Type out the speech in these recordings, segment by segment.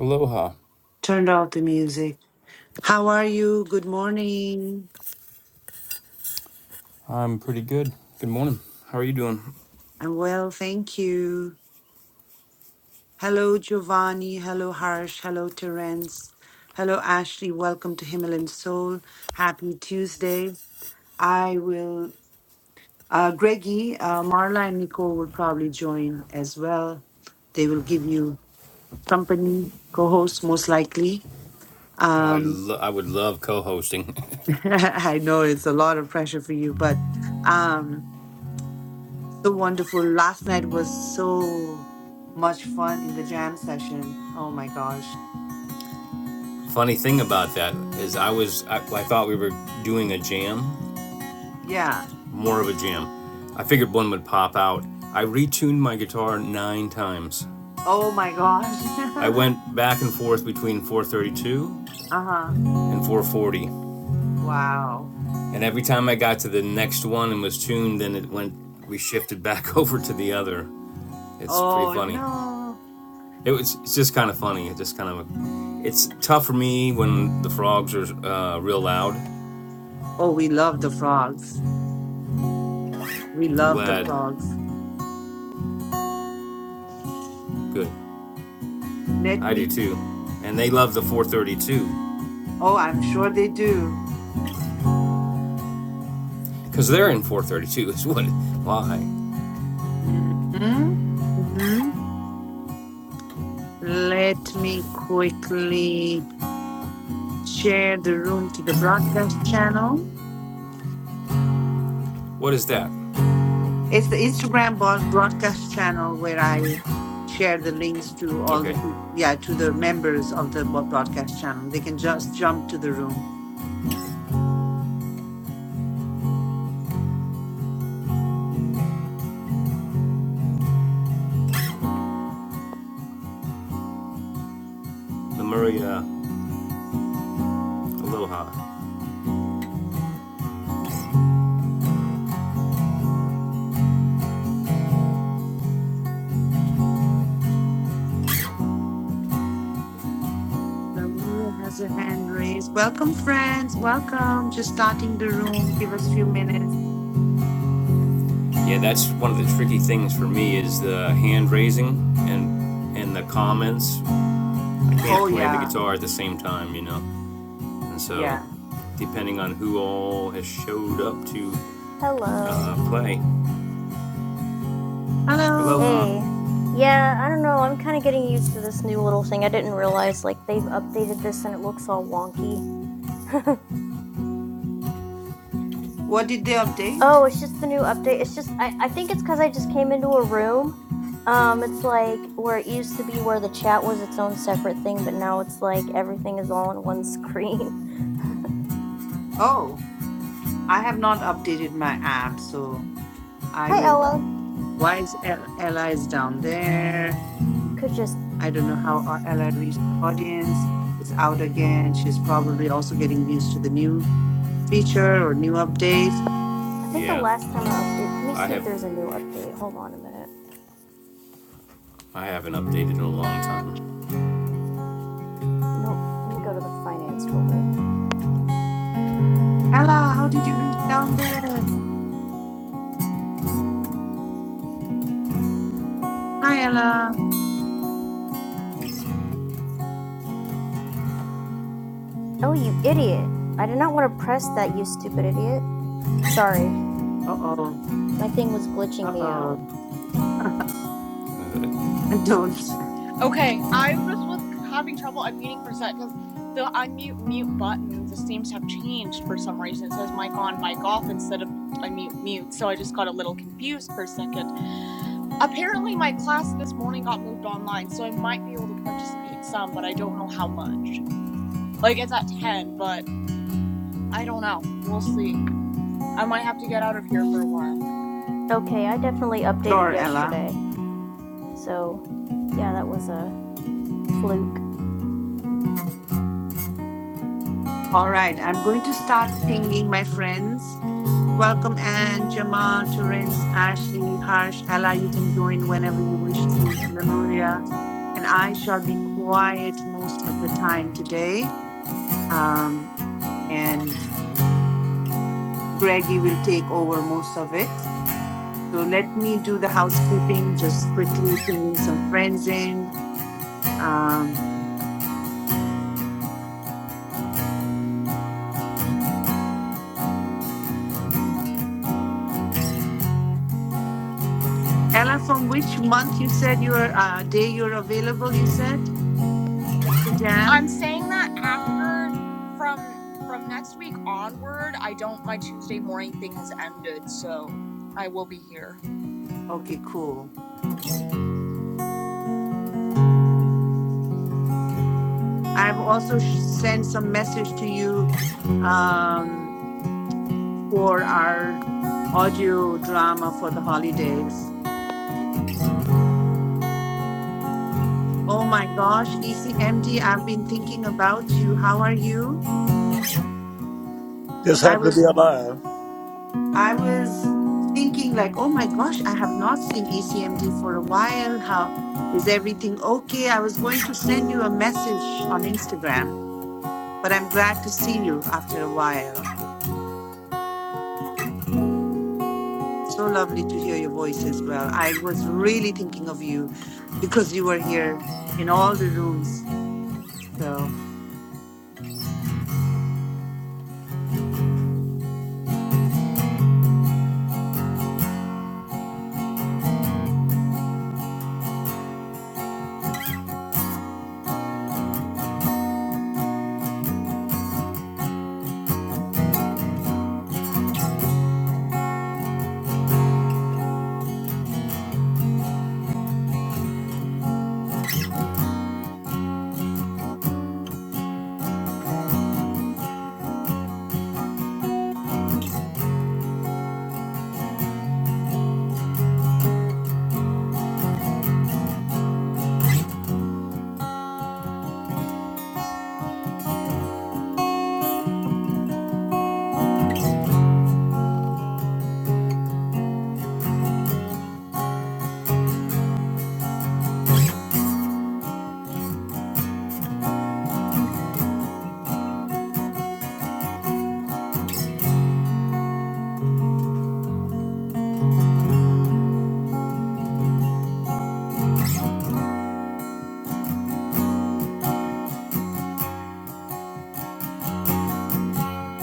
Aloha. Turned off the music. How are you? Good morning. I'm pretty good. Good morning. How are you doing? I'm well, thank you. Hello, Giovanni. Hello, Harsh. Hello, Terence. Hello, Ashley. Welcome to Himalayan Soul. Happy Tuesday. I will, uh, Greggy, uh, Marla, and Nicole will probably join as well. They will give you company, co host, most likely. Oh, I, Um, lo- I would love co-hosting. I know it's a lot of pressure for you, but. um, So wonderful. Last night was so much fun in the jam session. Oh my gosh. Funny thing about that is I was I, I thought we were doing a jam, Yeah. more of a jam. I figured one would pop out. I retuned my guitar 9 times. Oh my gosh. I went back and forth between 432 Uh-huh. and 440. Wow. And every time I got to the next one and was tuned, then it went we shifted back over to the other. It's pretty Oh funny. no. it was it's just kind of funny. It just kind of it's tough for me when the frogs are uh, real loud. Oh, we love the frogs. We I'm love the glad. frogs. Good, Let I me. do too. And they love the 432 Oh, I'm sure they do. because they're in 432. Is what? Why? hmm hmm Let me quickly share the room to the broadcast channel. What is that? It's the Instagram broad- broadcast channel where I share the links to all Okay, the peop- yeah to the members of the bo- broadcast channel. They can just jump to the room. the Maria Aloha. Ramula has a hand raised. Welcome, friends. Welcome. Just starting the room. Give us a few minutes. Yeah, that's one of the tricky things for me is the hand raising and and the comments. I can't Oh play the yeah, guitar at the same time, you know, and so yeah. depending on who all has showed up to uh, Hello. play. Hello. Aloha. Hey. Yeah, I don't know. I'm kind of getting used to this new little thing. I didn't realize like they've updated this and it looks all wonky. What did they Oh, update? it's just the new update. It's just I I think it's cuz I just came into a room. Um it's like where it used to be where the chat was its own separate thing, but now it's like everything is all on one screen. Oh, I have not updated my app, so I Hi will. Ella. Why is El- Ella is down there? Could just I don't know how our Ella reached the audience. She's out again. She's probably also getting used to the new feature or new update. I think the Yeah, last time I updated. Let me I see if have there's a new update. Hold on a minute. I haven't updated in a long time. Nope. Let me go to the finance folder. Ella, how did you reach down there? Hi, Ella. Oh, you idiot. I did not want to press that, you stupid idiot. Sorry, Uh oh. my thing was Uh glitching me out. oh. I Don't. Okay, I definitely updated Sure, Ella. yesterday. So, yeah, that was a fluke. All right. I'm going to start pinging my friends. Welcome, Anne, Jamal, Terence, Ashley, Harsh, Ella. You can join whenever you wish to, Lemuria. And I shall be quiet most of the time today. Um, and Greggy will take over most of it. So let me do the housekeeping, just quickly bringing some friends in. Um, Ella, from which month you said your uh, day you're available? You said to jam. Okay, cool. I've also sh- sent some message to you um, for our audio drama for the holidays. Oh my gosh, ECMD, I've been thinking about you. How are you? Just I happen to be was alive. I was thinking like, oh my gosh, I have not seen ECMD for a while. How is everything okay? I was going to send you a message on Instagram, but I'm glad to see you after a while. So lovely to hear your voice as well. I was really thinking of you because you were here in all the rooms. So,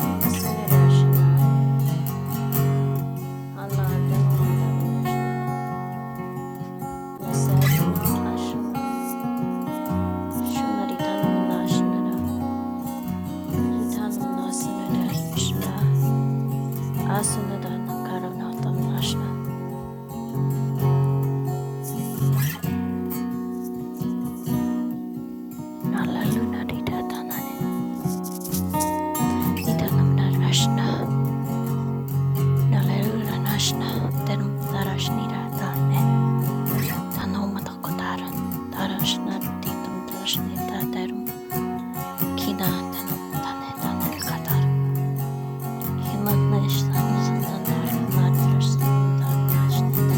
Nasunirashana, Anna Danomadarneshna, Nased na Ashana, Shunaritanamnashnada, Hitanam Nasunirashana, Asunadan Karunatam Ashna, Nalalunaridatanane, Nitanamnar Ashna. Nale'yra nashna terum darashnira tane tanoma takotaran tarashnar ditum drashni terum kina tanum tane tane takatar kina nashna zandan darkana drashnarum dar nashna da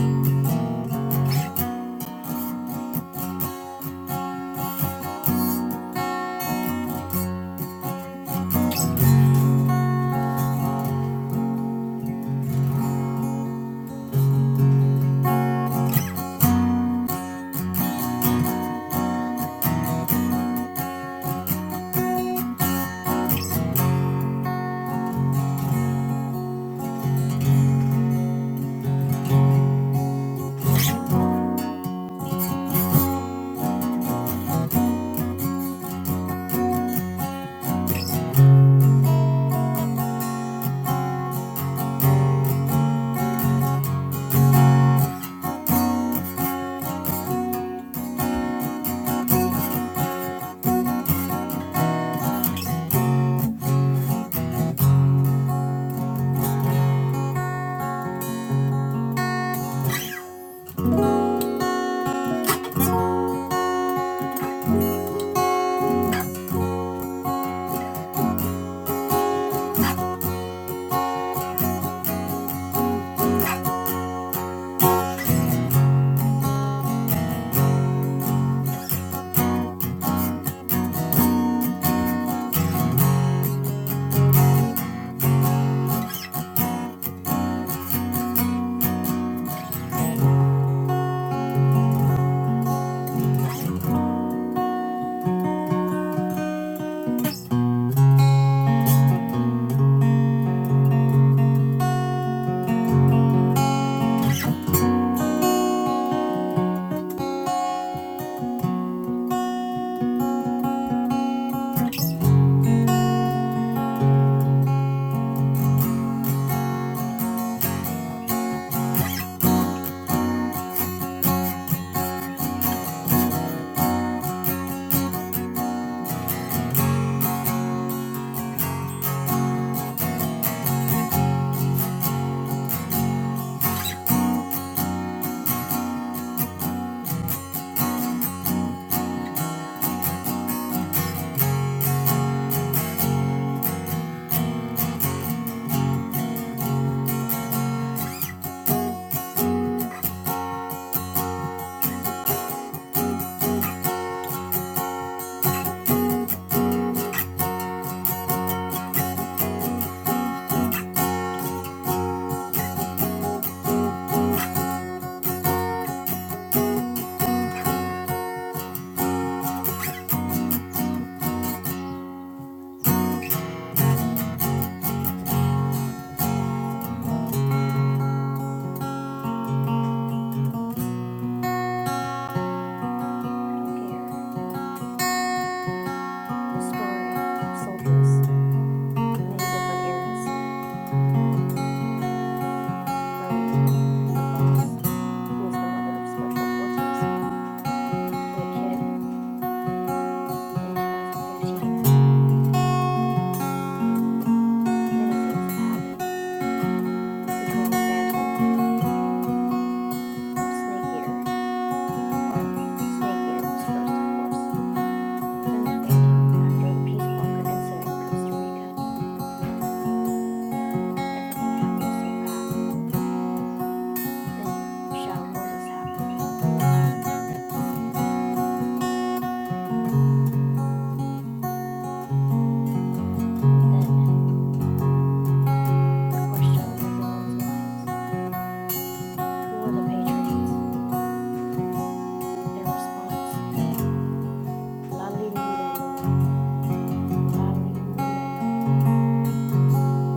Metal Gear, the story of soldiers of many different eras, from the boss, who is the mother of special forces, to the kid in 2015. Many things have happened between the Phantom And Snake Eater, well, Snake Eater was first, of course. Then the Phantom, after the Peace Walker incident in Costa Rica. Everything happened so fast. Then Shadow Moses happened. And then the question on everyone's minds who were the Patriots? Their response? Lalilulelo. Lalilulelo.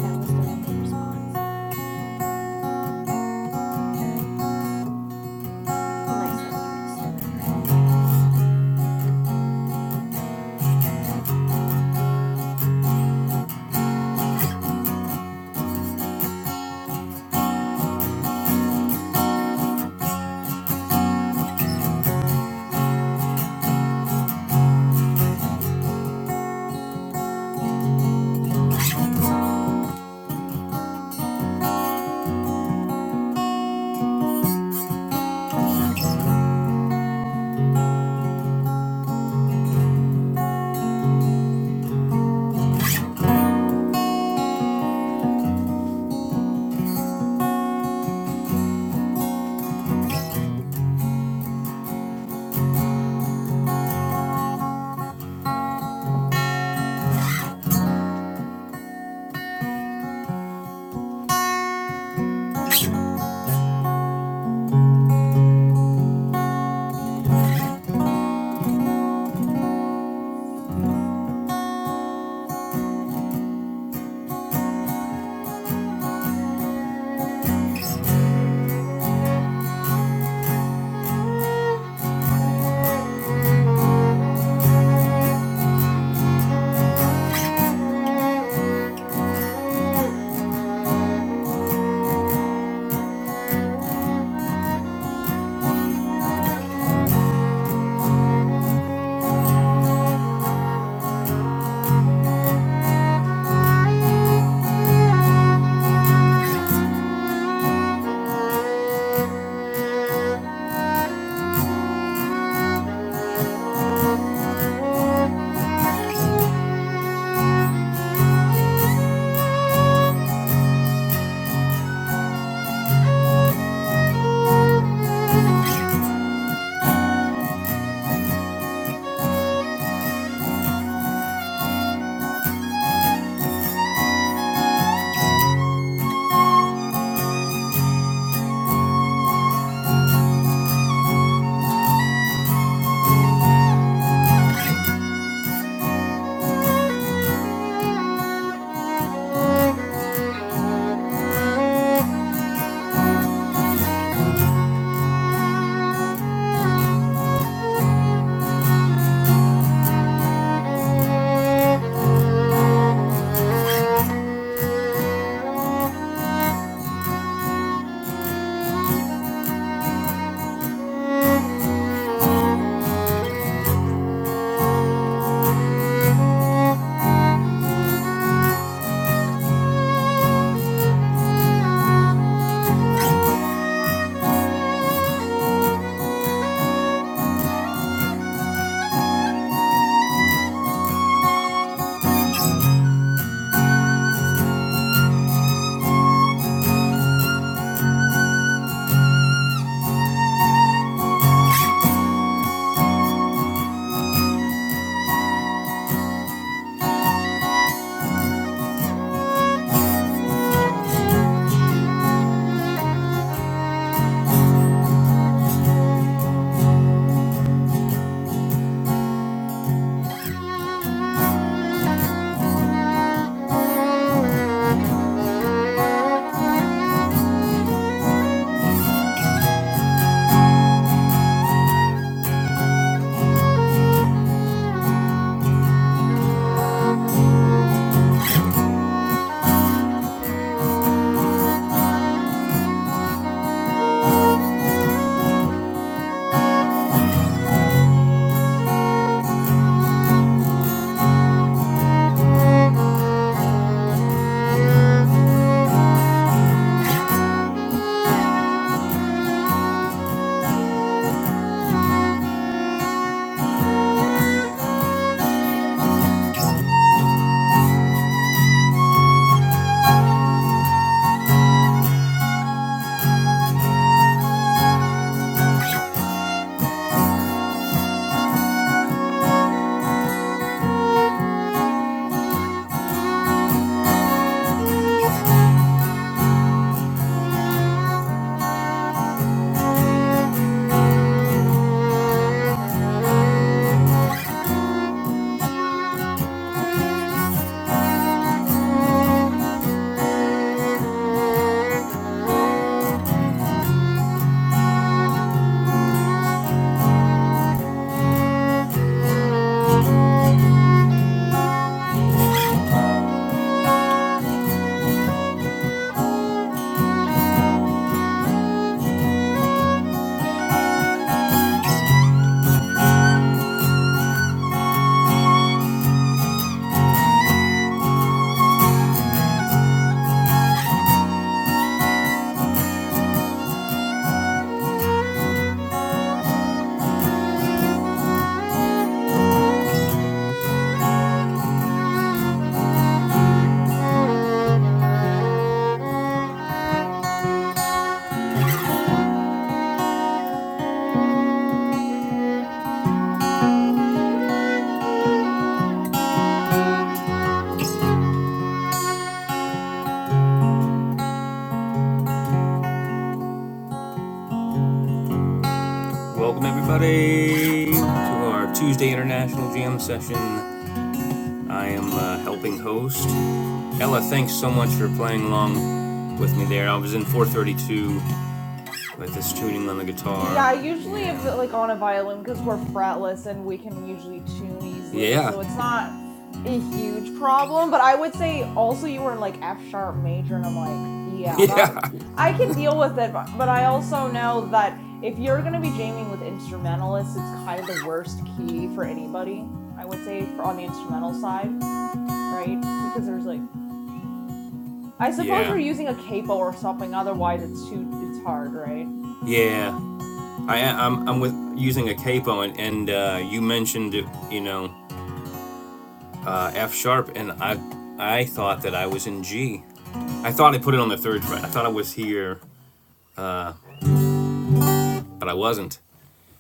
That was their only response. Nice argument, Senator. Thank you. Thank you. Thank you. Thank you. Thank you. Thank you. Thank you. Thank you. Thank you. Thank you. Welcome everybody to our Tuesday International Jam session. I am uh, helping host. Ella, thanks so much for playing along with me there. I was in 432 with this tuning on the guitar, Yeah, usually if, like and on a violin because we're fretless and we can usually tune easily, yeah, so it's not a huge problem. But I would say also you were in like F sharp major, and I'm like, yeah, that yeah, I can deal with it. But, but I also know that if you're gonna be jamming with instrumentalists, it's kind of the worst key for anybody. I would say for on the instrumental side, right? Because there's like I suppose yeah, you're using a capo or something. Otherwise, it's too it's hard, right? yeah. I, I'm I'm with using a capo, and and uh, you mentioned you know uh, F sharp, and I I thought that I was in G. I thought I put it on the third fret. I thought I was here, but I wasn't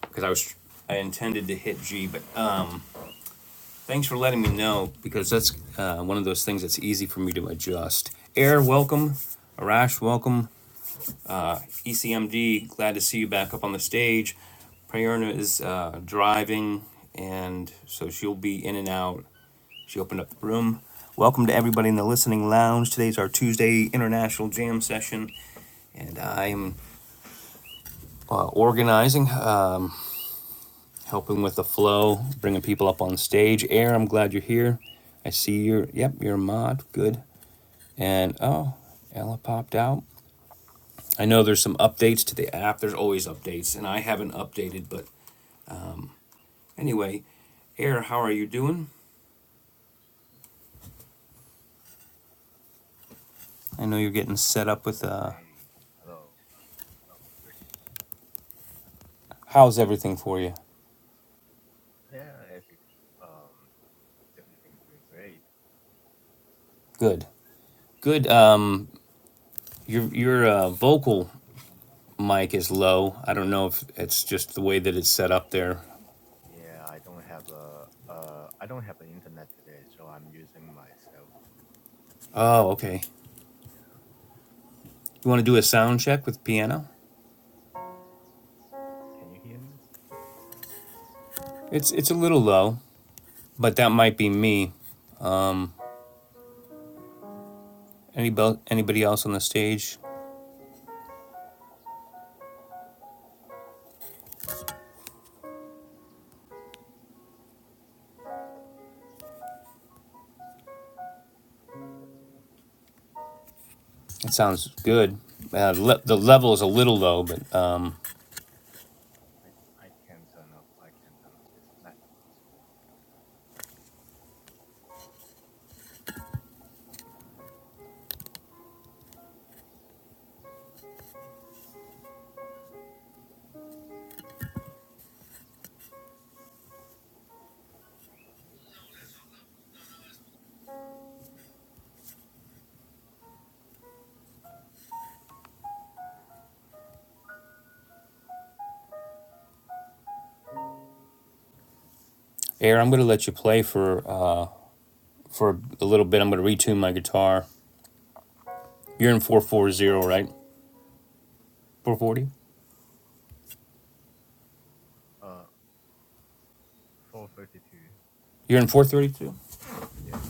because I was I intended to hit G. But uh, thanks for letting me know because that's uh, one of those things that's easy for me to adjust. Air, welcome. Arash, welcome. ECMD, glad to see you back up on the stage. Prayerna is uh, driving, and so she'll be in and out She opened up the room. Welcome to everybody in the listening lounge. Today's our Tuesday international jam session, and I am uh, organizing, um, helping with the flow, bringing people up on stage. Air, I'm glad you're here. I see you're, yep, you're a mod. Good. And oh, Ella popped out. I know there's some updates to the app. There's always updates, and I haven't updated, but anyway, Air, how are you doing? I know you're getting set I'm up with doing uh great. Hello, hello. Great. how's everything for you? Yeah, every, um, everything doing great. Good. Good. Um Your your uh, vocal mic is low. I don't know if it's just the way that it's set up there. Yeah, I don't have a uh, I don't have an internet today, so I'm using my cell phone. Oh, okay. Yeah, You want to do a sound check with piano? can you hear me? It's a little low, but that might be me. Anybody anybody else on the stage? It sounds good. Uh, le- the level is a little low, but um, I I can turn up. I can turn up. It's maximum. Air, I'm gonna let you play for uh, for a little bit. I'm gonna retune my guitar. You're in four four zero, right? Four forty. Uh, four thirty two. You're in four thirty two. Yes.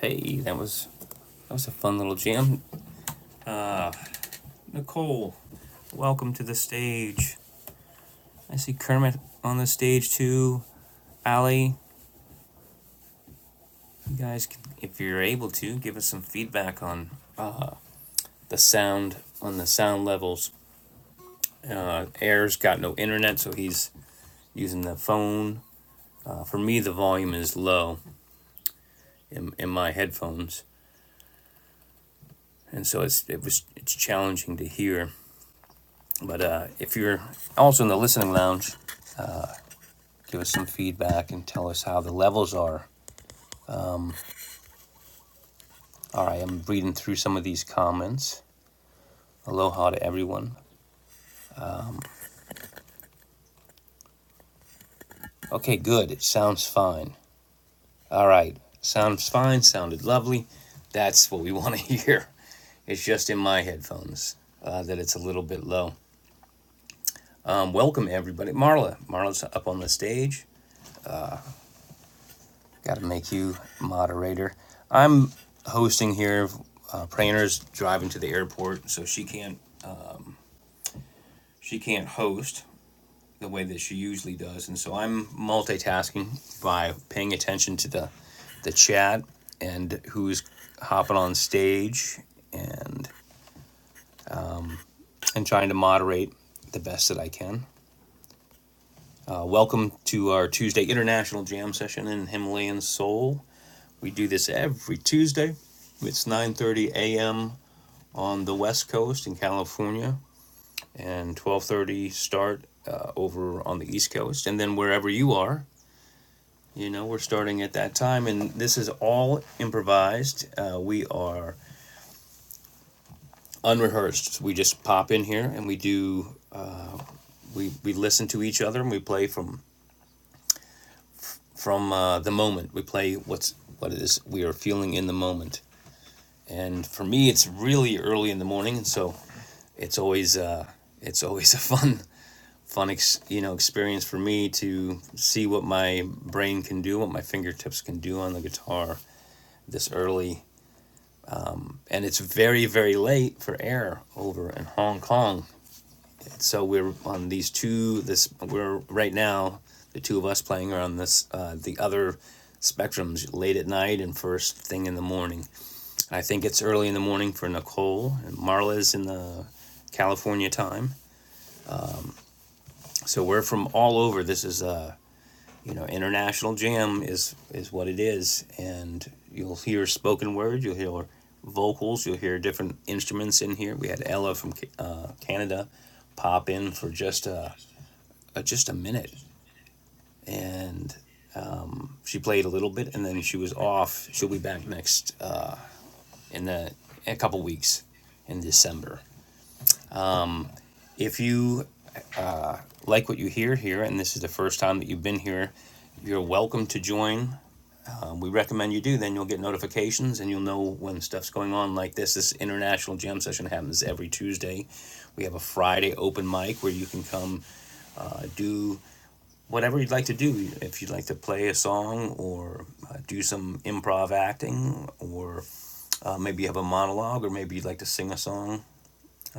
Hey, that was that was a fun little jam. Nicole, welcome to the stage. I see Kermit on the stage too. Allie, you guys, can, if you're able to, give us some feedback on the sound, on the sound levels. Uh, Air's got no internet, so he's using the phone. Uh, for me, the volume is low in, in my headphones, and so it's it was it's challenging to hear. But uh, if you're also in the listening lounge, give us some feedback and tell us how the levels are. All right, I'm reading through some of these comments. Aloha to everyone. Okay, good. It sounds fine. All right. Sounds fine. Sounded lovely. That's what we want to hear. It's just in my headphones uh, that it's a little bit low. Um, welcome, everybody. Marla. Marla's up on the stage. Got to make you moderator. I'm hosting here. Uh, Prainer's driving to the airport, so she can't she can't host the way that she usually does, and so I'm multitasking by paying attention to the the chat and who's hopping on stage and and trying to moderate the best that I can. Uh, welcome to our Tuesday International Jam Session in Himalayan Seoul. We do this every Tuesday. It's 9:30 a.m. on the West Coast in California, and 12:30 start uh, over on the East Coast, and then wherever you are. You know, we're starting at that time, and this is all improvised. Uh, we are unrehearsed. We just pop in here and we do. We, we listen to each other and we play from from uh, the moment. We play what's what it is we are feeling in the moment. And for me, it's really early in the morning, so it's always uh, it's always a fun fun ex- you know experience for me to see what my brain can do, what my fingertips can do on the guitar this early. And it's very very late for air over in Hong Kong. so we're on these two this we're right now the two of us playing are on this uh, the other spectrums late at night and first thing in the morning i think it's early in the morning for nicole and marla's in the california time so we're from all over this is a you know international jam is is what it is and you'll hear spoken word you'll hear vocals you'll hear different instruments in here we had ella from uh, canada pop in for just uh, just a minute and she played a little bit, and then she was off. She'll be back next uh, in the a couple weeks in December. If you like what you hear here, and this is the first time that you've been here, you're welcome to join. Um, we recommend you do. Then you'll get notifications, and you'll know when stuff's going on like this. This international jam session happens every Tuesday. We have a Friday open mic where you can come uh, do whatever you'd like to do. If you'd like to play a song or uh, do some improv acting or Uh, maybe you have a monologue, or maybe you'd like to sing a song.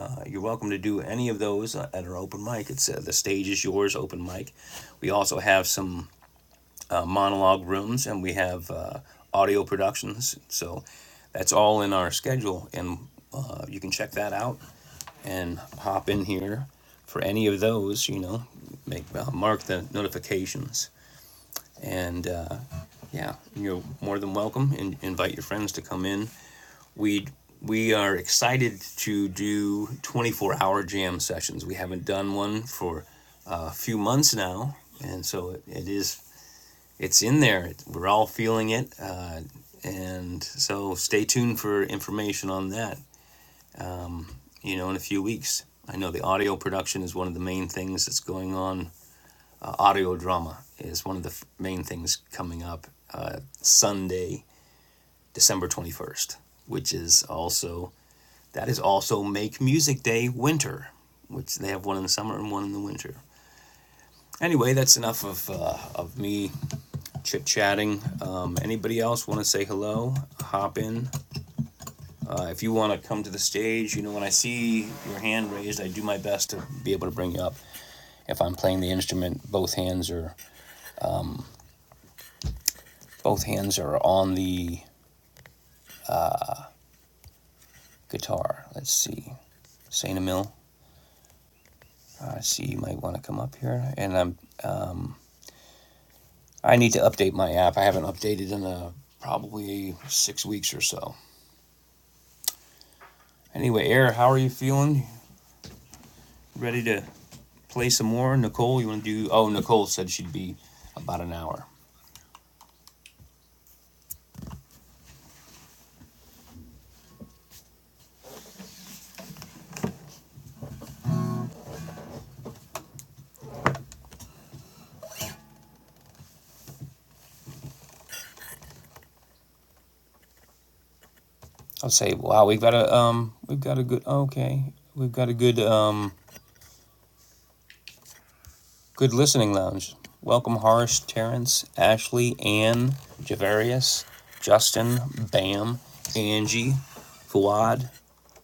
Uh, you're welcome to do any of those uh, at our open mic. It's uh, the stage is yours, open mic. We also have some uh, monologue rooms, and we have uh, audio productions. So that's all in our schedule, and uh, you can check that out and hop in here for any of those. You know, make uh, mark the notifications, and uh, yeah, you're more than welcome. And invite your friends to come in we we are excited to do 24 hour jam sessions. We haven't done one for a few months now, and so it, it is it's in there. We're all feeling it, uh, and so stay tuned for information on that. You know, in a few weeks. I know the audio production is one of the main things that's going on. Uh, audio drama is one of the f- main things coming up uh, Sunday, December 21st, which is also That is also Make Music Day Winter, which they have one in the summer and one in the winter. Anyway, that's enough of, uh, of me chit chatting. Um, anybody else want to say hello? Hop in. Uh, if you want to come to the stage, you know, when I see your hand raised, I do my best to be able to bring you up. If I'm playing the instrument, both hands are both hands are on the guitar. Let's see, Saint Emil. I uh, see you might want to come up here, and I'm um, I need to update my app. I haven't updated in uh, probably six weeks or so. Anyway, Eric, how are you feeling? Ready to play some more? Nicole, you want to do? Oh, Nicole said she'd be about an hour. I'll say, wow, we've got a um, we've got a good okay, we've got a good um, good listening lounge. Welcome, Horace, Terrence, Ashley, Ann, Javarius, Justin, Bam, Angie, Fuad,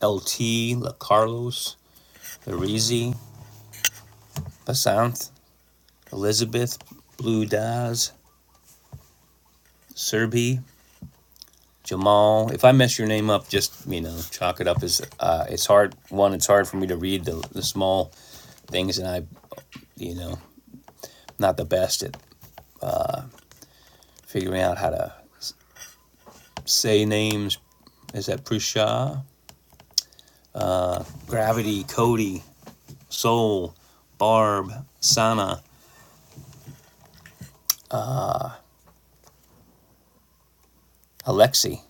LT, La Carlos, Larizi, Basanth, Elizabeth Blue Daz Serbi Jamal. If I mess your name up, just you know, chalk it up as uh, it's hard. One, it's hard for me to read the, the small things, and I, you know, not the best at figuring out how to say names. Is that Prusha? Uh, Gravity, Cody, Soul, Barb, Sana, Alexi.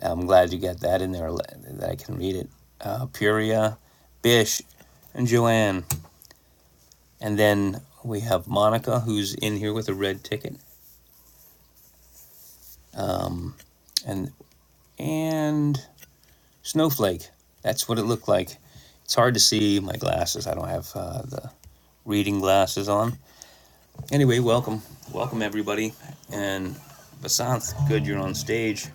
I'm glad you got that in there. That I can read it. Uh, Puria, Bish, and Joanne. And then we have Monica, who's in here with a red ticket, and and Snowflake. That's what it looked like. It's hard to see my glasses. I don't have uh, the reading glasses on. Anyway, welcome, welcome everybody, and Basanth, good you're on stage.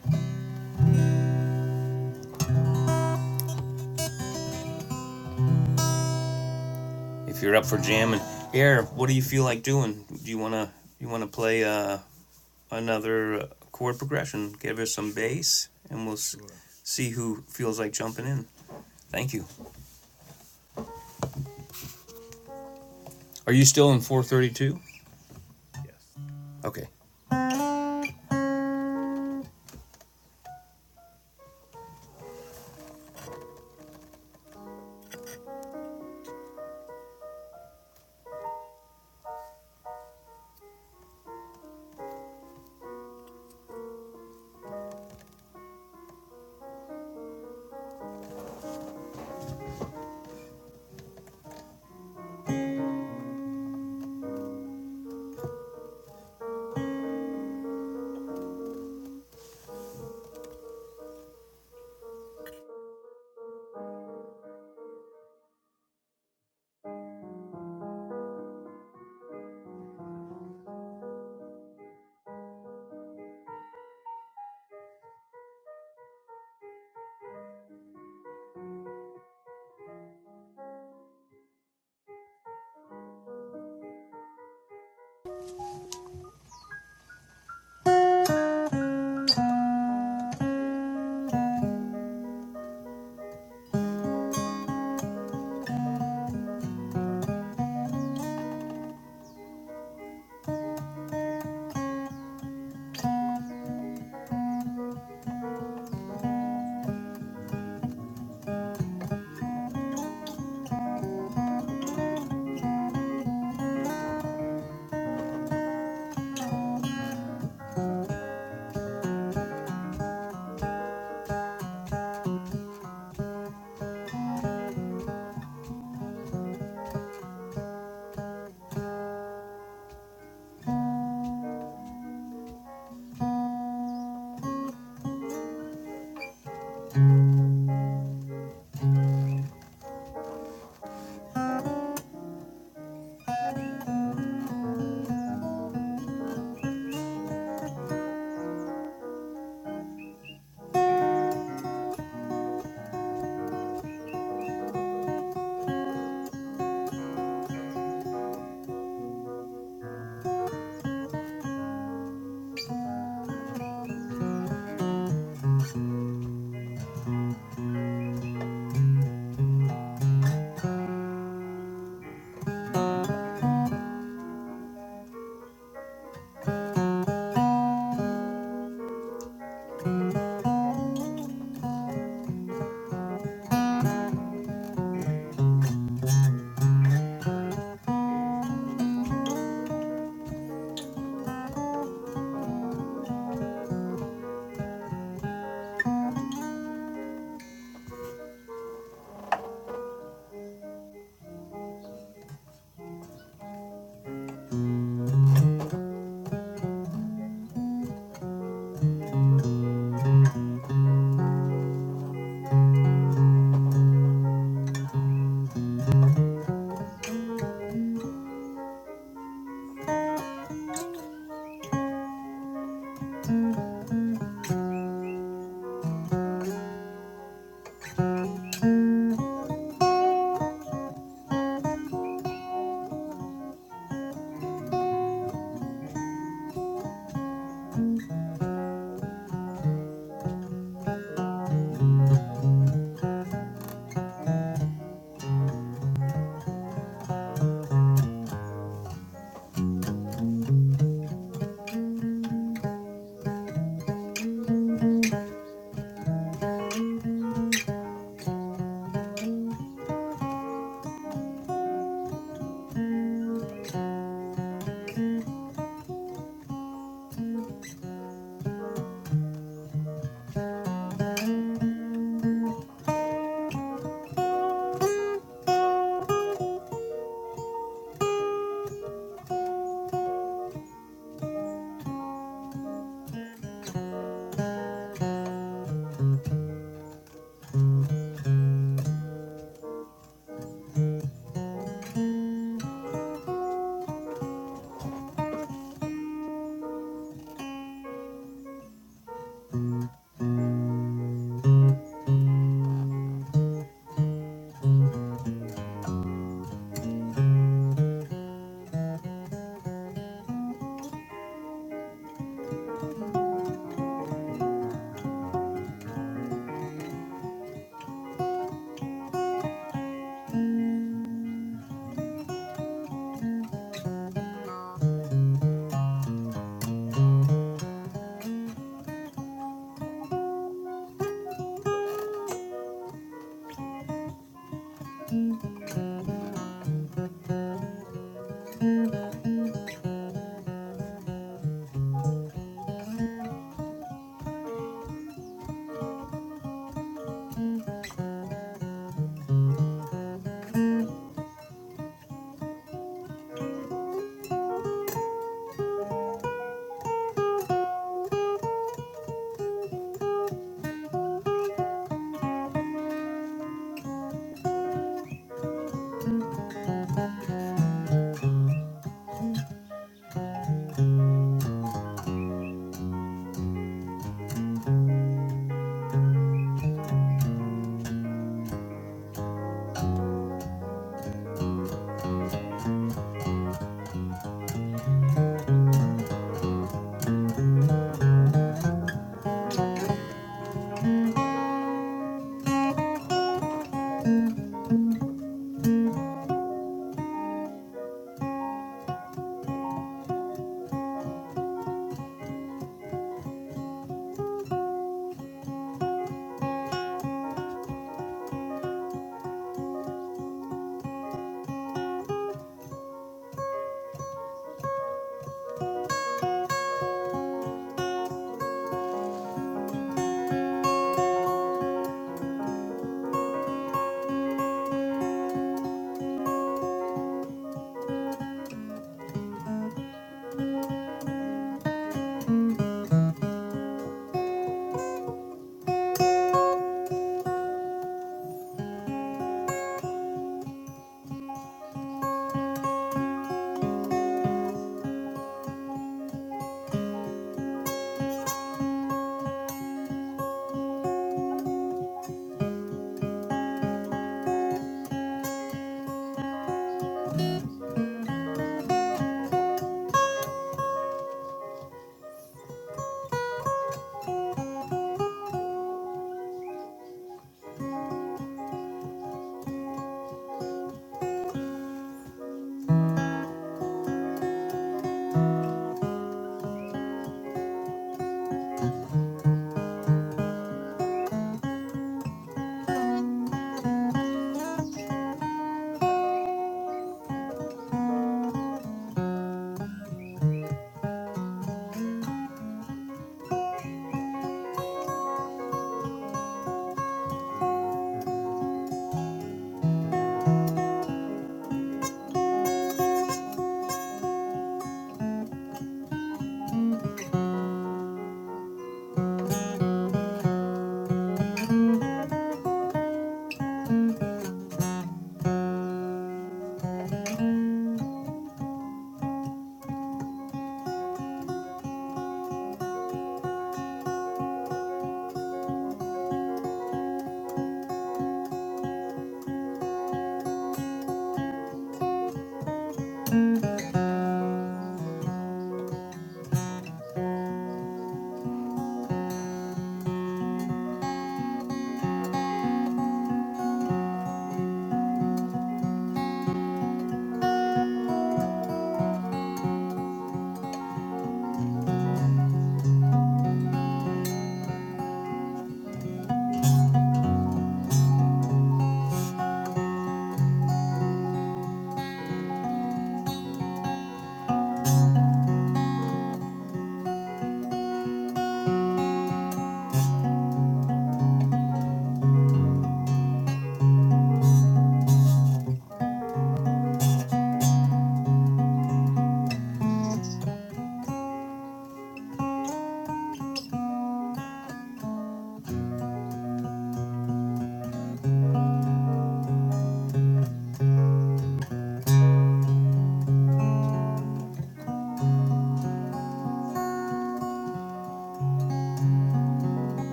If you're up for jamming, Air, what do you feel like doing? Do you wanna you wanna play uh, another chord progression? Give us some Sure. bass, and we'll s- Sure. see who feels like jumping in. Thank you. Are you still in 432? Yes. Okay.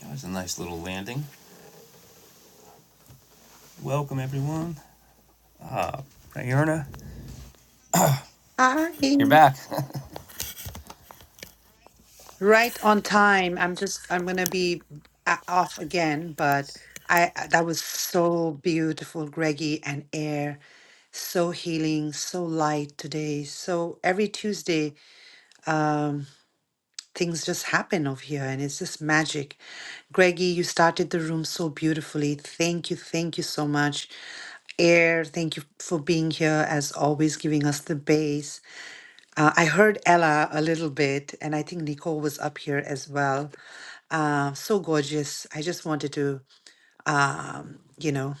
That was a nice little landing. Welcome, everyone. Diurna. You're hi. back. Right on time. I'm just, I'm going to be a- off again, but I, I- that was so beautiful, Greggy and Air. So healing, so light today. So every Tuesday, um, things just happen over here and it's just magic. Greggy, you started the room so beautifully. Thank you. Thank you so much. Air, thank you for being here as always, giving us the base. Uh, I heard Ella a little bit, and I think Nicole was up here as well. Uh, so gorgeous. I just wanted to, um, you know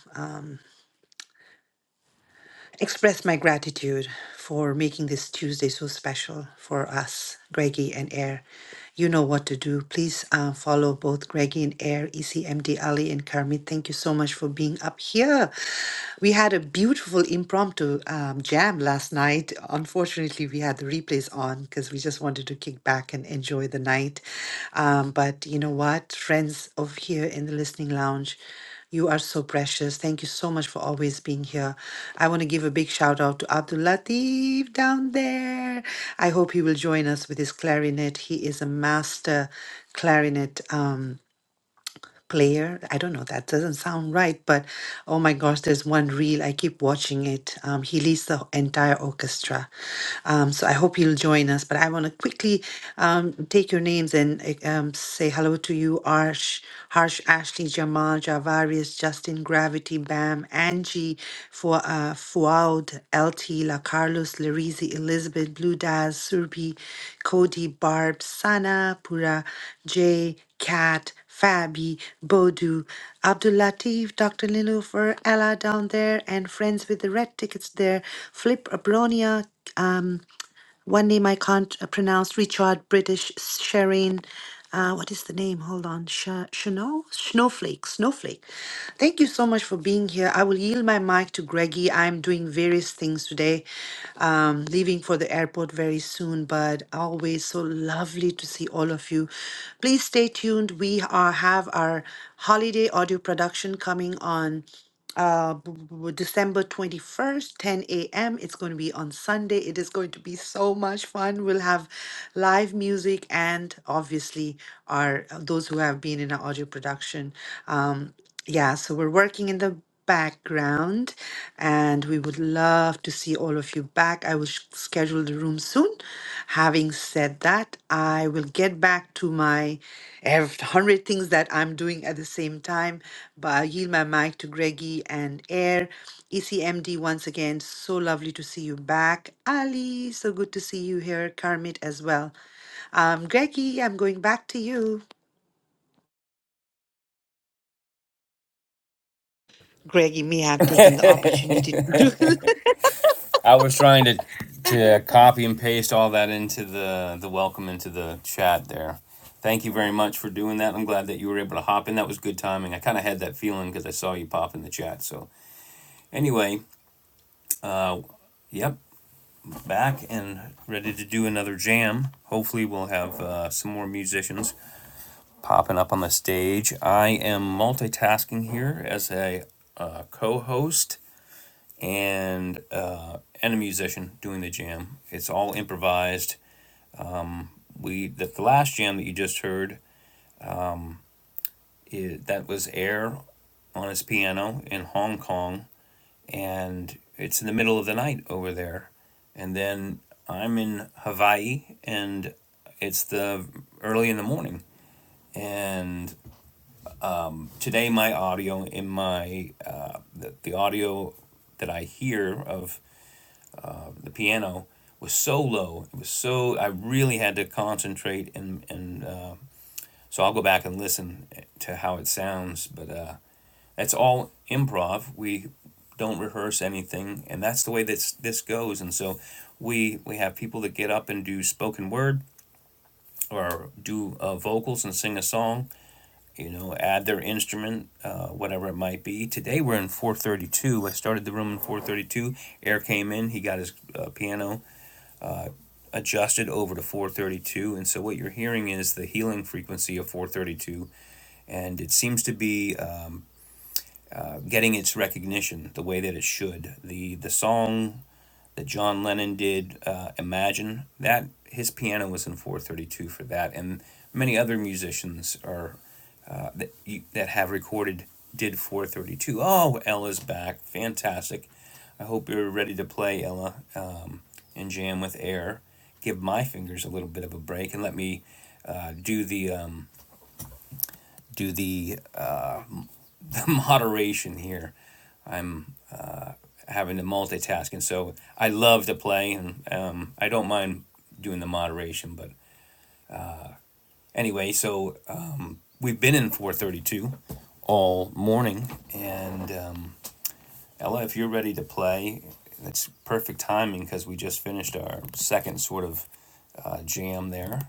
express my gratitude for making this Tuesday so special for us, Greggy and Air. You know what to do. Please uh, follow both Greggy and Air, ECMD Ali and Karmit. Thank you so much for being up here. We had a beautiful impromptu um, jam last night. Unfortunately, we had the replays on because we just wanted to kick back and enjoy the night. Um, but you know what, friends of here in the listening lounge. You are so precious. Thank you so much for always being here. I want to give a big shout out to Abdul Latif down there. I hope he will join us with his clarinet. He is a master clarinet. Um, Player. I don't know, that doesn't sound right, but oh my gosh, there's one reel. I keep watching it. Um, he leads the entire orchestra. Um, so I hope you'll join us. But I want to quickly um, take your names and uh, um, say hello to you, Arsh, Harsh, Ashley, Jamal, Javarius, Justin, Gravity, Bam, Angie, for uh, Fuad, LT, La Carlos, Larizi, Elizabeth, Blue Daz, Surbi, Cody, Barb, Sana, Pura, Jay, Kat. Fabi, Bodu, Abdul Latif, Dr. Niloufer, Ella down there, and friends with the red tickets there, Flip Abronia, um, one name I can't uh, pronounce Richard, British, Sharon. Uh, what is the name? Hold on. Sha Chano? Snowflake. Snowflake. Thank you so much for being here. I will yield my mic to Greggy. I'm doing various things today, um, leaving for the airport very soon, but always so lovely to see all of you. Please stay tuned. We are, have our holiday audio production coming on uh b- b- b- December 21st 10 a.m. it's going to be on Sunday it is going to be so much fun we'll have live music and obviously our uh, those who have been in our audio production um yeah so we're working in the background and we would love to see all of you back. I will sh- schedule the room soon. Having said that, I will get back to my ev- 100 things that I'm doing at the same time. But I yield my mic to Greggy and Air. ECMD, once again, so lovely to see you back. Ali, so good to see you here. Karmit as well. Um, Greggy, I'm going back to you. Greggy, may have taken the opportunity. to do I was trying to to copy and paste all that into the the welcome into the chat there. Thank you very much for doing that. I'm glad that you were able to hop in. That was good timing. I kind of had that feeling because I saw you pop in the chat. So anyway, uh, yep, back and ready to do another jam. Hopefully, we'll have uh, some more musicians. popping up on the stage. I am multitasking here as a uh, co host and, uh, and a musician doing the jam. It's all improvised. We The, the last jam that you just heard, i that was Air on his piano in Hong Kong, and it's in the middle of the night over there. And then I'm in Hawaii, and it's the early in the morning. And today my audio in my uh, the, the audio that i hear of the piano was so low it was so i really had to concentrate and and uh, so i'll go back and listen to how it sounds but uh, that's all improv we don't rehearse anything and that's the way this this goes and so we we have people that get up and do spoken word or do uh, vocals and sing a song you know, add their instrument, uh, whatever it might be. Today we're in 432. I started the room in 432. Eric came in, he got his uh, piano adjusted over to 432. And so what you're hearing is the healing frequency of 432. And it seems to be um, uh, getting its recognition the way that it should. The, the song that John Lennon did, uh, Imagine, that his piano was in 432 for that. And many other musicians are uh, that, you, that have recorded did 432. Oh, Ella's back. Fantastic. I hope you're ready to play, Ella, and jam with air. Give my fingers a little bit of a break and let me uh, do the um, do the moderation here, having to multitask. And so I love to play, and um, I don't mind doing the moderation. But anyway, so uh, we've been in 432 all morning, and um, Ella, if you're ready to play, it's perfect timing because we just finished our second sort of uh, jam there.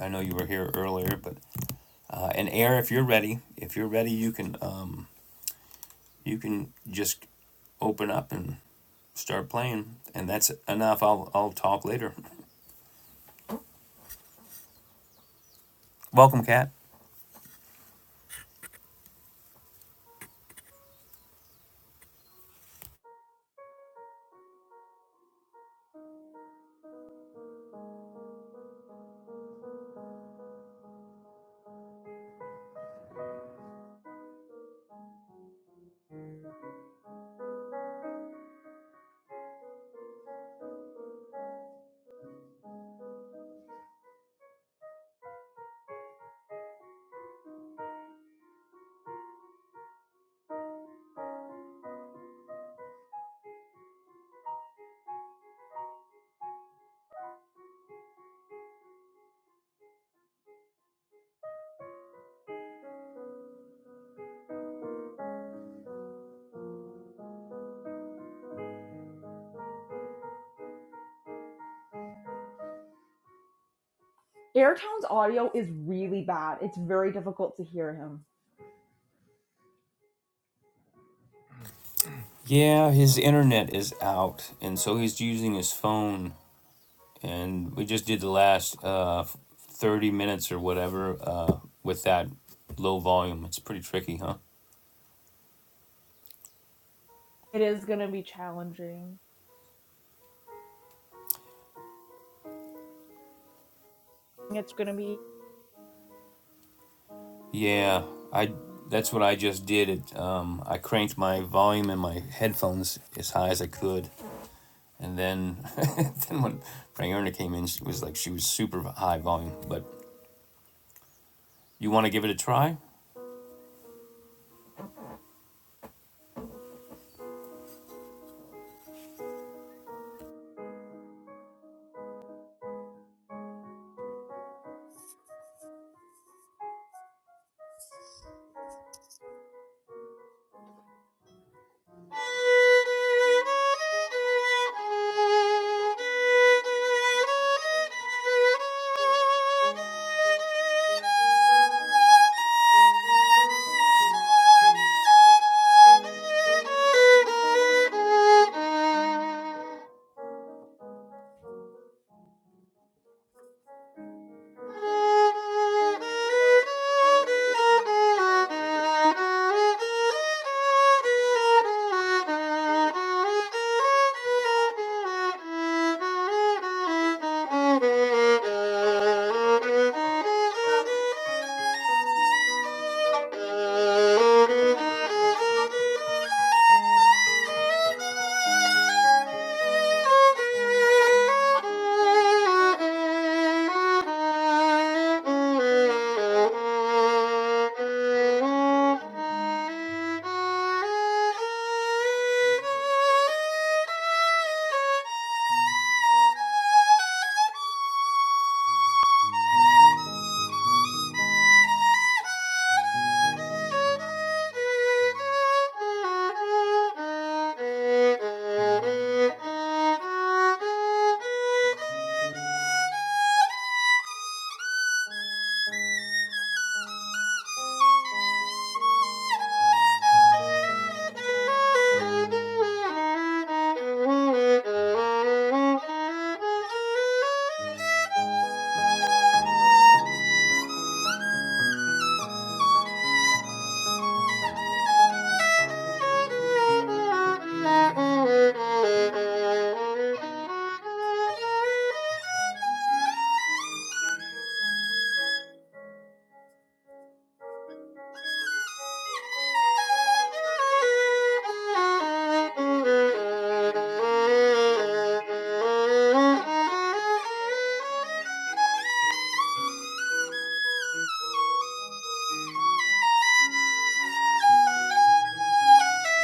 I know you were here earlier, but uh, and Air, if you're ready, if you're ready, you can um, you can just open up and start playing, and that's enough. I'll I'll talk later. Welcome, Cat. Airtown's audio is really bad. It's very difficult to hear him. Yeah, his internet is out, and so he's using his phone and we just did the last uh, 30 minutes or whatever uh, with that low volume it's pretty tricky huh It is gonna be challenging. It's gonna be yeah that's what i just did it um, i cranked my volume in my headphones as high as i could and then then when frank erna came in she was like super high volume you want to give it a try Thank you. Thank you. Thank you. Thank you.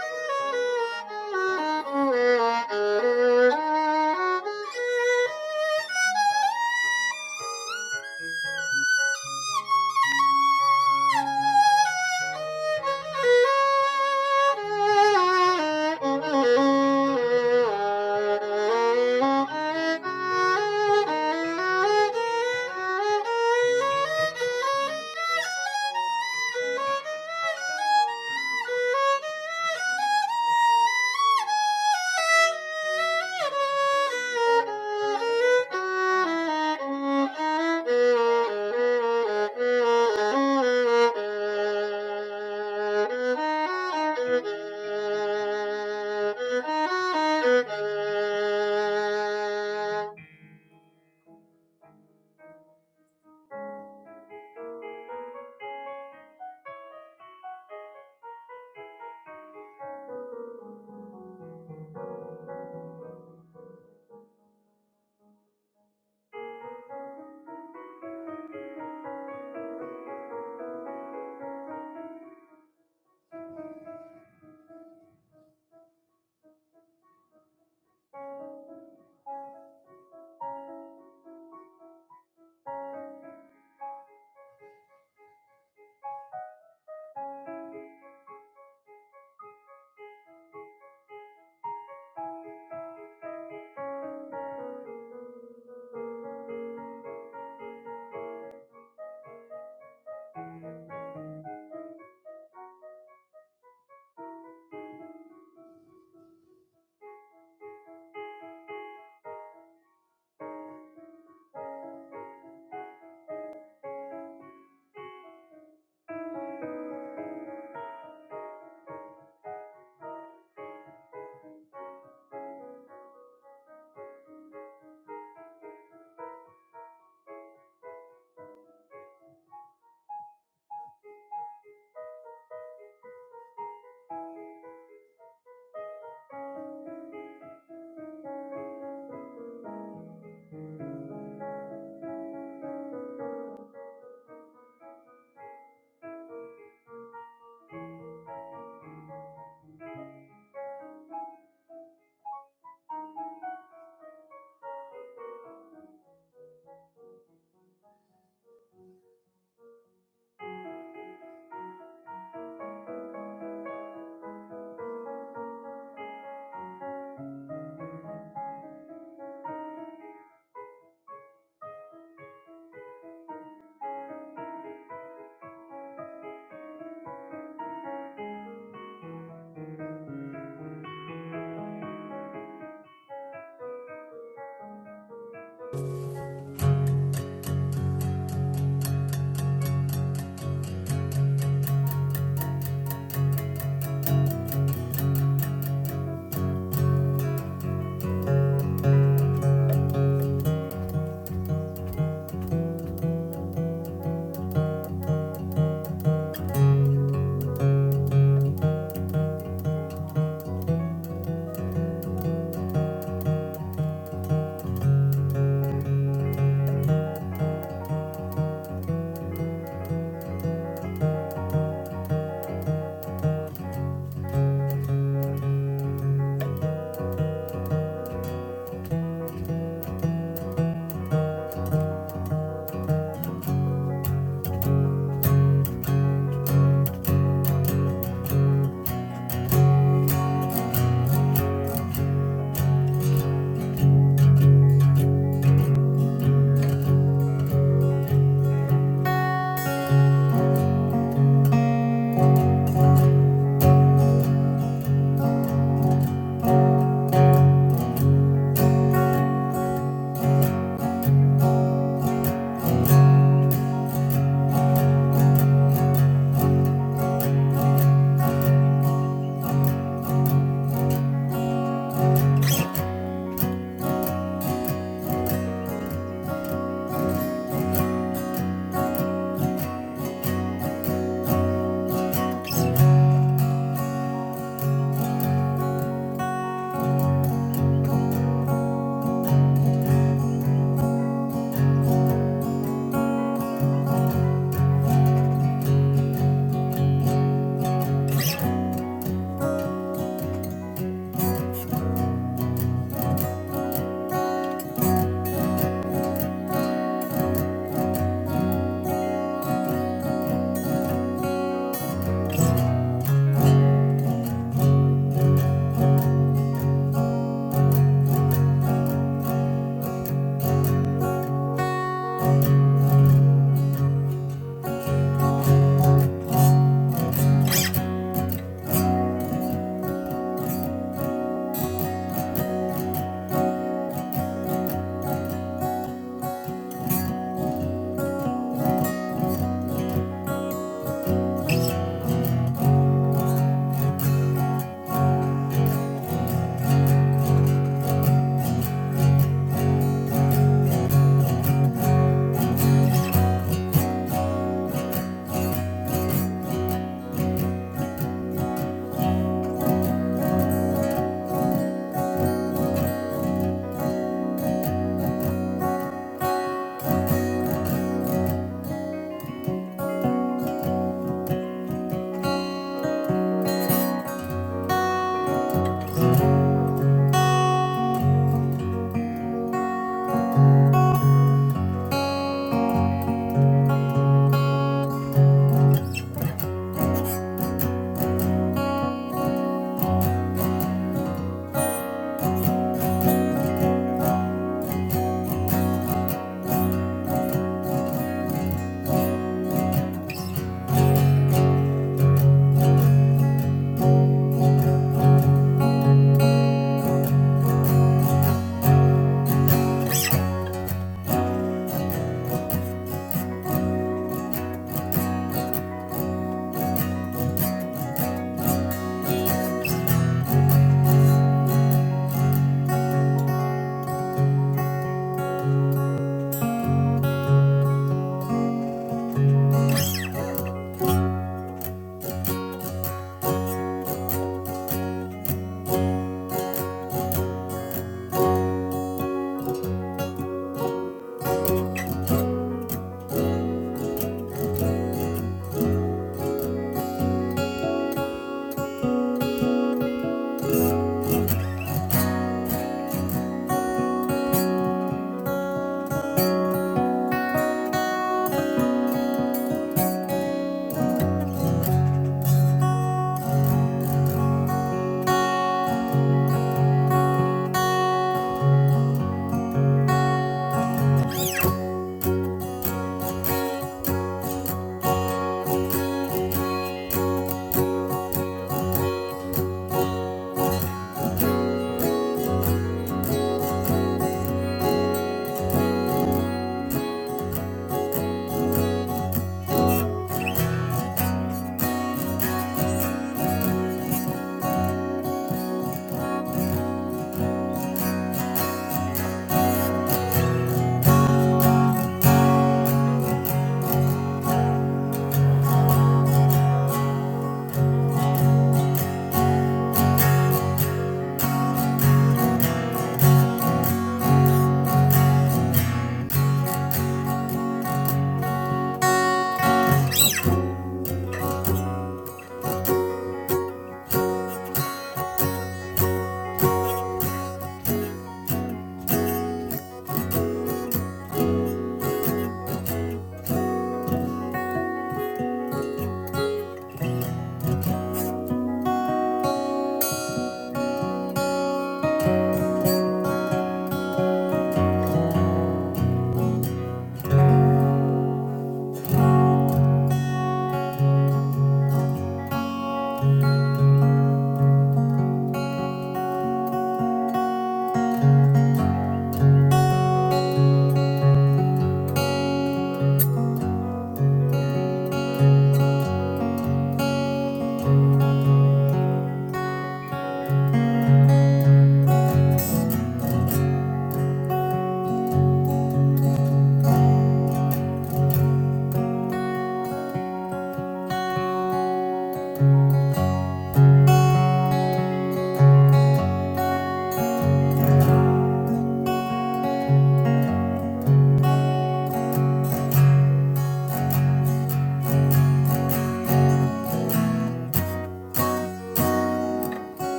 Thank you. Thank you.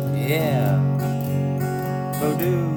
yeah Voodoo.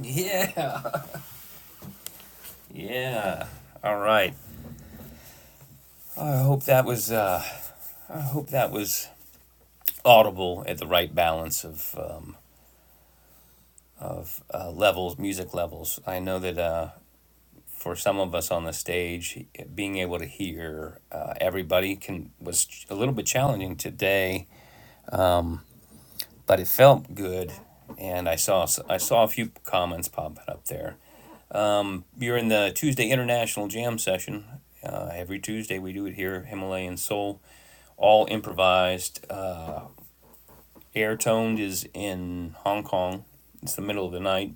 yeah yeah all right i hope that was uh, i hope that was audible at the right balance of um, of uh, levels, music levels. I know that uh, for some of us on the stage, being able to hear uh, everybody can was a little bit challenging today, but it felt good. And I saw I saw a few comments popping up there. You're in the Tuesday International Jam session. Uh, every Tuesday we do it here, Himalayan Soul, all improvised. Uh, Air Toned is in Hong Kong. It's the middle of the night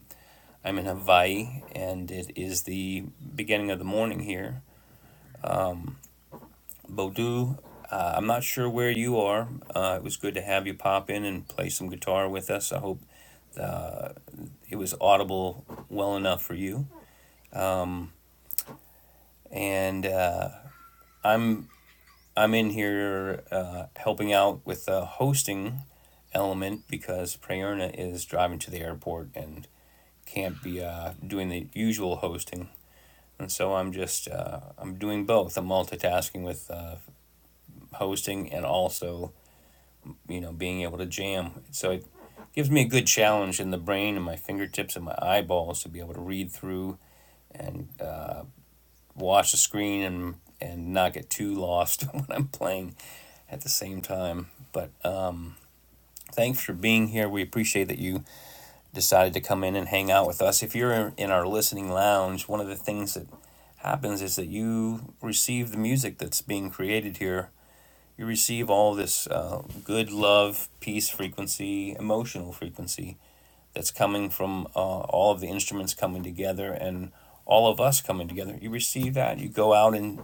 I'm in Hawaii, and it is the beginning of the morning here. Bodu, uh, I'm not sure where you are. Uh, it was good to have you pop in and play some guitar with us. I hope it was audible well enough for you. And uh, I'm I'm in here uh, helping out with the hosting element because Prayerna is driving to the airport and can't be uh, doing the usual hosting. And so I'm just uh, I'm doing both. I'm multitasking with uh, hosting and also you know being able to jam. So it gives me a good challenge in the brain and my fingertips and my eyeballs to be able to read through and uh, watch the screen and and not get too lost when I'm playing at the same time. But uh, thanks for being here. We appreciate that you decided to come in and hang out with us. If you're in our listening lounge, one of the things that happens is that you receive the music that's being created here you receive all this uh, good love, peace frequency, emotional frequency that's coming from uh, all of the instruments coming together and all of us coming together. You receive that. You go out in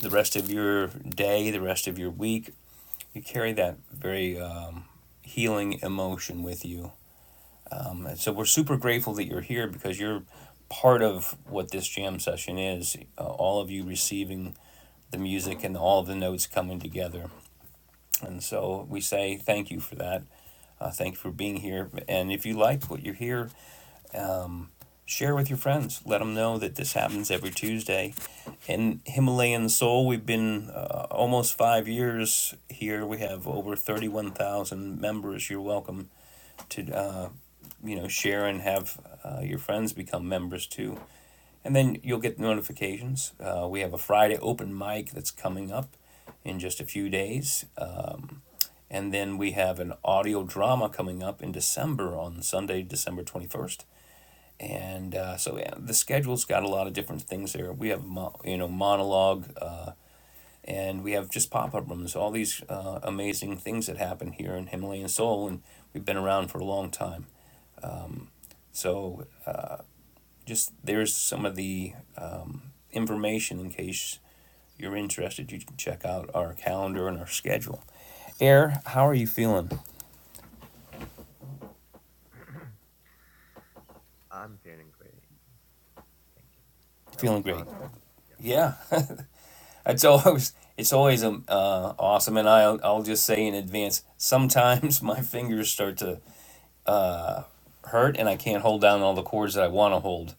the rest of your day, the rest of your week. You carry that very um, healing emotion with you. Um, and so we're super grateful that you're here because you're part of what this jam session is. Uh, all of you receiving the music and all of the notes coming together. And so we say thank you for that. Uh, thank you for being here. And if you like what you hear, share with your friends. Let them know that this happens every Tuesday. In Himalayan Soul, we've been uh, almost five years here. We have over 31,000 members. You're welcome to, uh, you know, share and have uh, your friends become members too. And then you'll get notifications. Uh, we have a Friday open mic that's coming up in just a few days. Um, and then we have an audio drama coming up in December on Sunday, December 21st. And uh, so yeah, the schedule's got a lot of different things there. We have mo- you know monologue, uh, and we have just pop up rooms. All these uh, amazing things that happen here in Himalayan Soul, and we've been around for a long time. So just there's some of the um, information in case you're interested. You can check out our calendar and our schedule. Air, how are you feeling? I'm feeling great. Thank you. That Feeling was great. awesome. Yeah. Yeah, it's always it's always um, uh, awesome, and I'll I'll just say in advance. Sometimes my fingers start to hurt, and I can't hold down all the chords that I want to hold.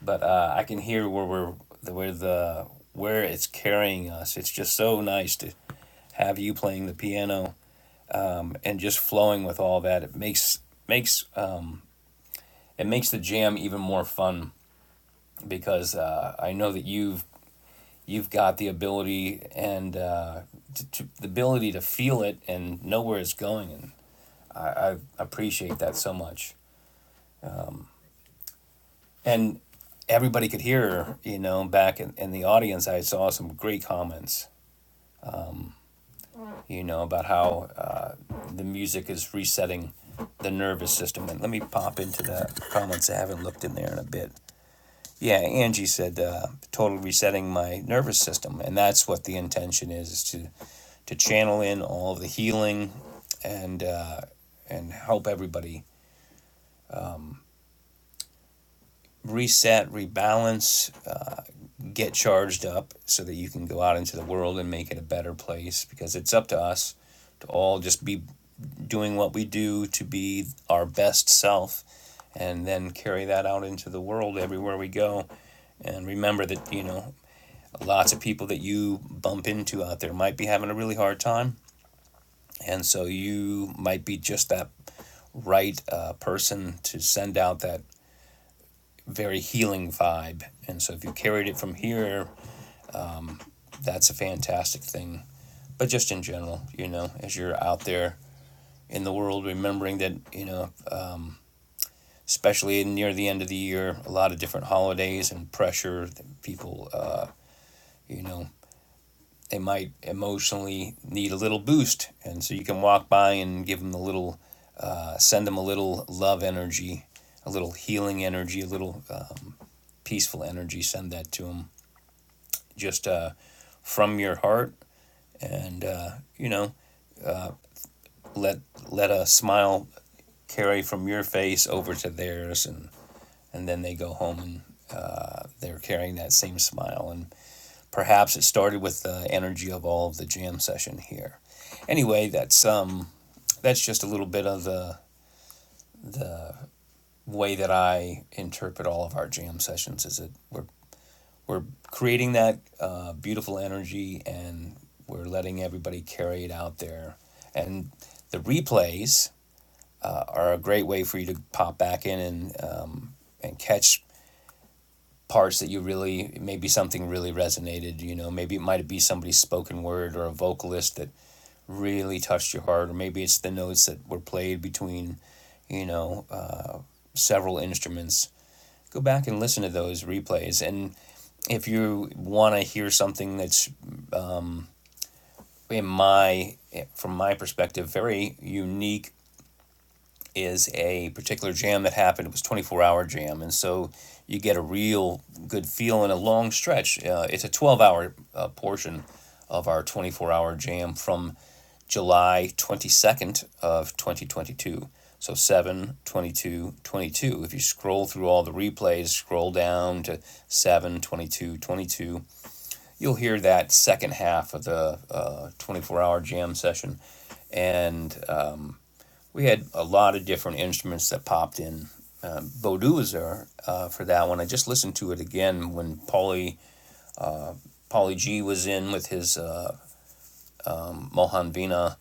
But uh, I can hear where we're where the where it's carrying us. It's just so nice to have you playing the piano and just flowing with all that it makes makes uh, it makes the jam even more fun because uh, I know that you've you've got the ability and uh, to, to, the ability to feel it and know where it's going and I, I appreciate that so much Thank you. and everybody could hear you know back in, in the audience I saw some great comments you know about how uh, the music is resetting the nervous system and let me pop into the comments I haven't looked in there in a bit yeah, Angie said uh, total resetting my nervous system, and that's what the intention is: is to to channel in all of the healing and uh, and help everybody reset, rebalance, uh, get charged up, so that you can go out into the world and make it a better place. Because it's up to us to all just be doing what we do to be our best self, and then carry that out into the world everywhere we go. And remember that you know Lots of people that you bump into out there might be having a really hard time. And so you might be just that right uh, person to send out that very healing vibe. And so if you carried it from here, that's a fantastic thing. But just in general, you know, as you're out there in the world, remembering that, you know, especially near the end of the year, a lot of different holidays and pressure that people, uh, you know, they might emotionally need a little boost and so you can walk by and give them a little uh, send them a little love energy a little healing energy a little um, peaceful energy send that to them just uh, from your heart and uh, you know let let a smile carry from your face over to theirs and and then they go home and uh, they're carrying that same smile and. Perhaps it started with the energy of all of the jam session here. Anyway, that's um, that's just a little bit of the the way that I interpret all of our jam sessions. Is that we're we're creating that uh, beautiful energy and we're letting everybody carry it out there. And the replays uh, are a great way for you to pop back in and um, and catch parts that you really maybe something really resonated you know maybe it might be somebody's spoken word or a vocalist that really touched your heart or maybe it's the notes that were played between you know uh, several instruments go back and listen to those replays and if you want to hear something that's in my from my perspective very unique is a particular jam that happened. It was 24 hour jam. And so you get a real good feel in a long stretch. Uh, it's a 12 hour uh, portion of our 24 hour jam from July 22nd of 2022. So 7 22 22. If you scroll through all the replays, scroll down to seven twenty you'll hear that second half of the uh, 24 hour jam session. And uh, we had a lot of different instruments that popped in. Um, Bodu was there uh, for that one. I just listened to it again when Paulie Paulie G was in with his uh, Mohan Vina,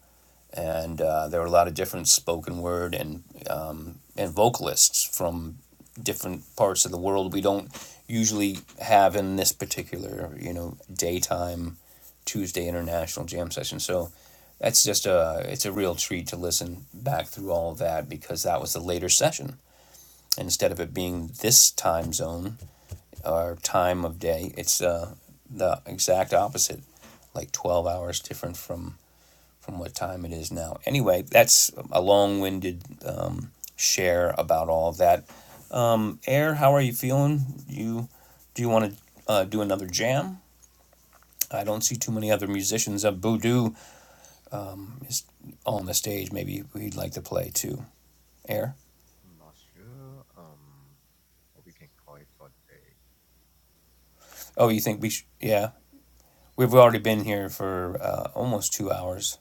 and uh, there were a lot of different spoken word and um, and vocalists from different parts of the world we don't usually have in this particular you know daytime Tuesday international jam session. So that's just a it's a real treat to listen back through all of that because that was the later session instead of it being this time zone or time of day, it's uh, the exact opposite, like 12 hours different from, from what time it is now. Anyway, that's a long winded um, share about all of that. Air, how are you feeling? You Do you want to uh, do another jam? I don't see too many other musicians of Voodoo on the stage. Maybe we'd like to play too. Air? I'm not sure um what we can call it for today. Oh, you think we should? Yeah. We've already been here for uh, almost two hours.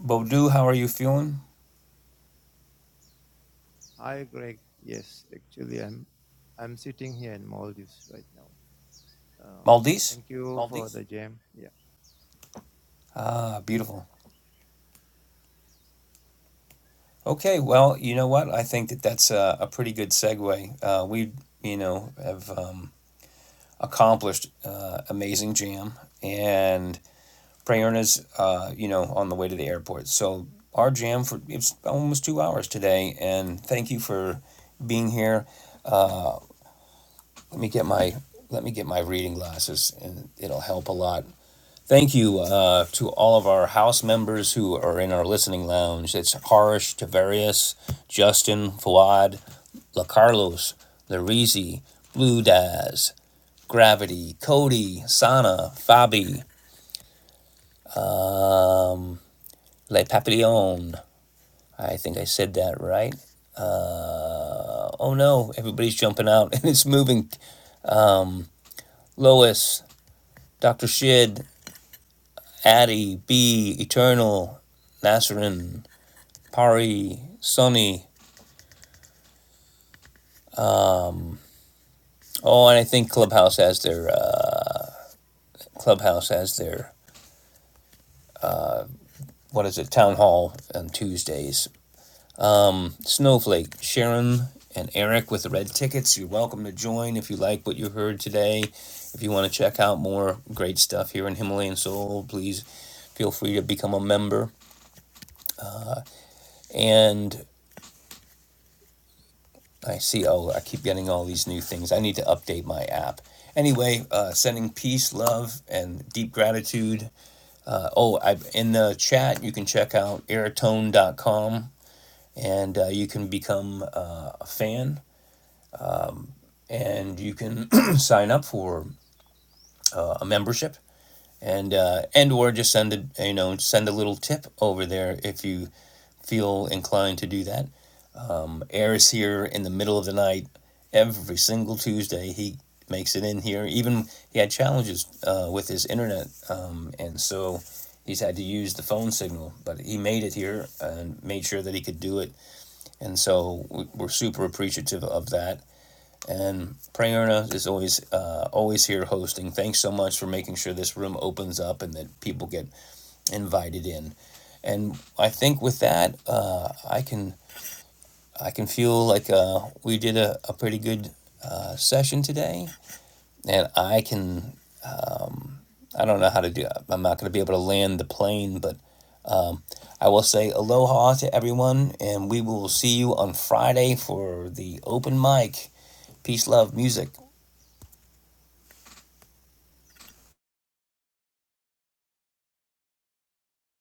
Bodu, how are you feeling? Hi, Greg. Yes, actually, I'm I'm sitting here in Maldives right now. Uh, Maldives? thank you Maldives? for the jam. Yeah. Ah, beautiful. Okay, well, you know what? I think that that's a, a pretty good segue. Uh, we, you know, have um, accomplished uh, Amazing Jam, and Prayerna's, uh, you know, on the way to the airport. So our jam for it's almost two hours today, and thank you for being here. Let me get my let me get my reading glasses, and it'll help a lot. Thank you uh, to all of our house members who are in our listening lounge. It's Harsh, Tavarius, Justin, Fuad, LaCarlos, Larizi, Blue Daz, Gravity, Cody, Sana, Fabi, um, Le Papillon. I think I said that right. Uh, oh no, everybody's jumping out and it's moving. Lois, Dr. Shid, Addy, B, Eternal, Nasrin, Pari, Sonny, Oh, and I think Clubhouse has their uh, Clubhouse has their what is it town hall on Tuesdays. Snowflake, Sharon, and Eric with the red tickets. You're welcome to join if you like what you heard today. If you want to check out more great stuff here in Himalayan Soul, please feel free to become a member. And I see. Oh, I keep getting all these new things. I need to update my app. Anyway, uh, sending peace, love, and deep gratitude oh, I, in the chat, you can check out airtone dot com, and uh, you can become uh, a fan and you can sign up for uh, a membership and uh, and or just send a you know send a little tip over there if you feel inclined to do that Air is here in the middle of the night every single Tuesday. He makes it in here. Even he had challenges uh, with his internet, um, and so he's had to use the phone signal. But he made it here and made sure that he could do it. And so we- are super appreciative of that. And Prayerna is always uh, always here hosting. Thanks so much for making sure this room opens up and that people get invited in. And I think with that, uh, I can I can feel like uh, we did a, a pretty good uh, session today, and I can. I don't know how to do. it. I'm not going to be able to land the plane, but um, I will say aloha to everyone, and we will see you on Friday for the open mic. Peace, love, music.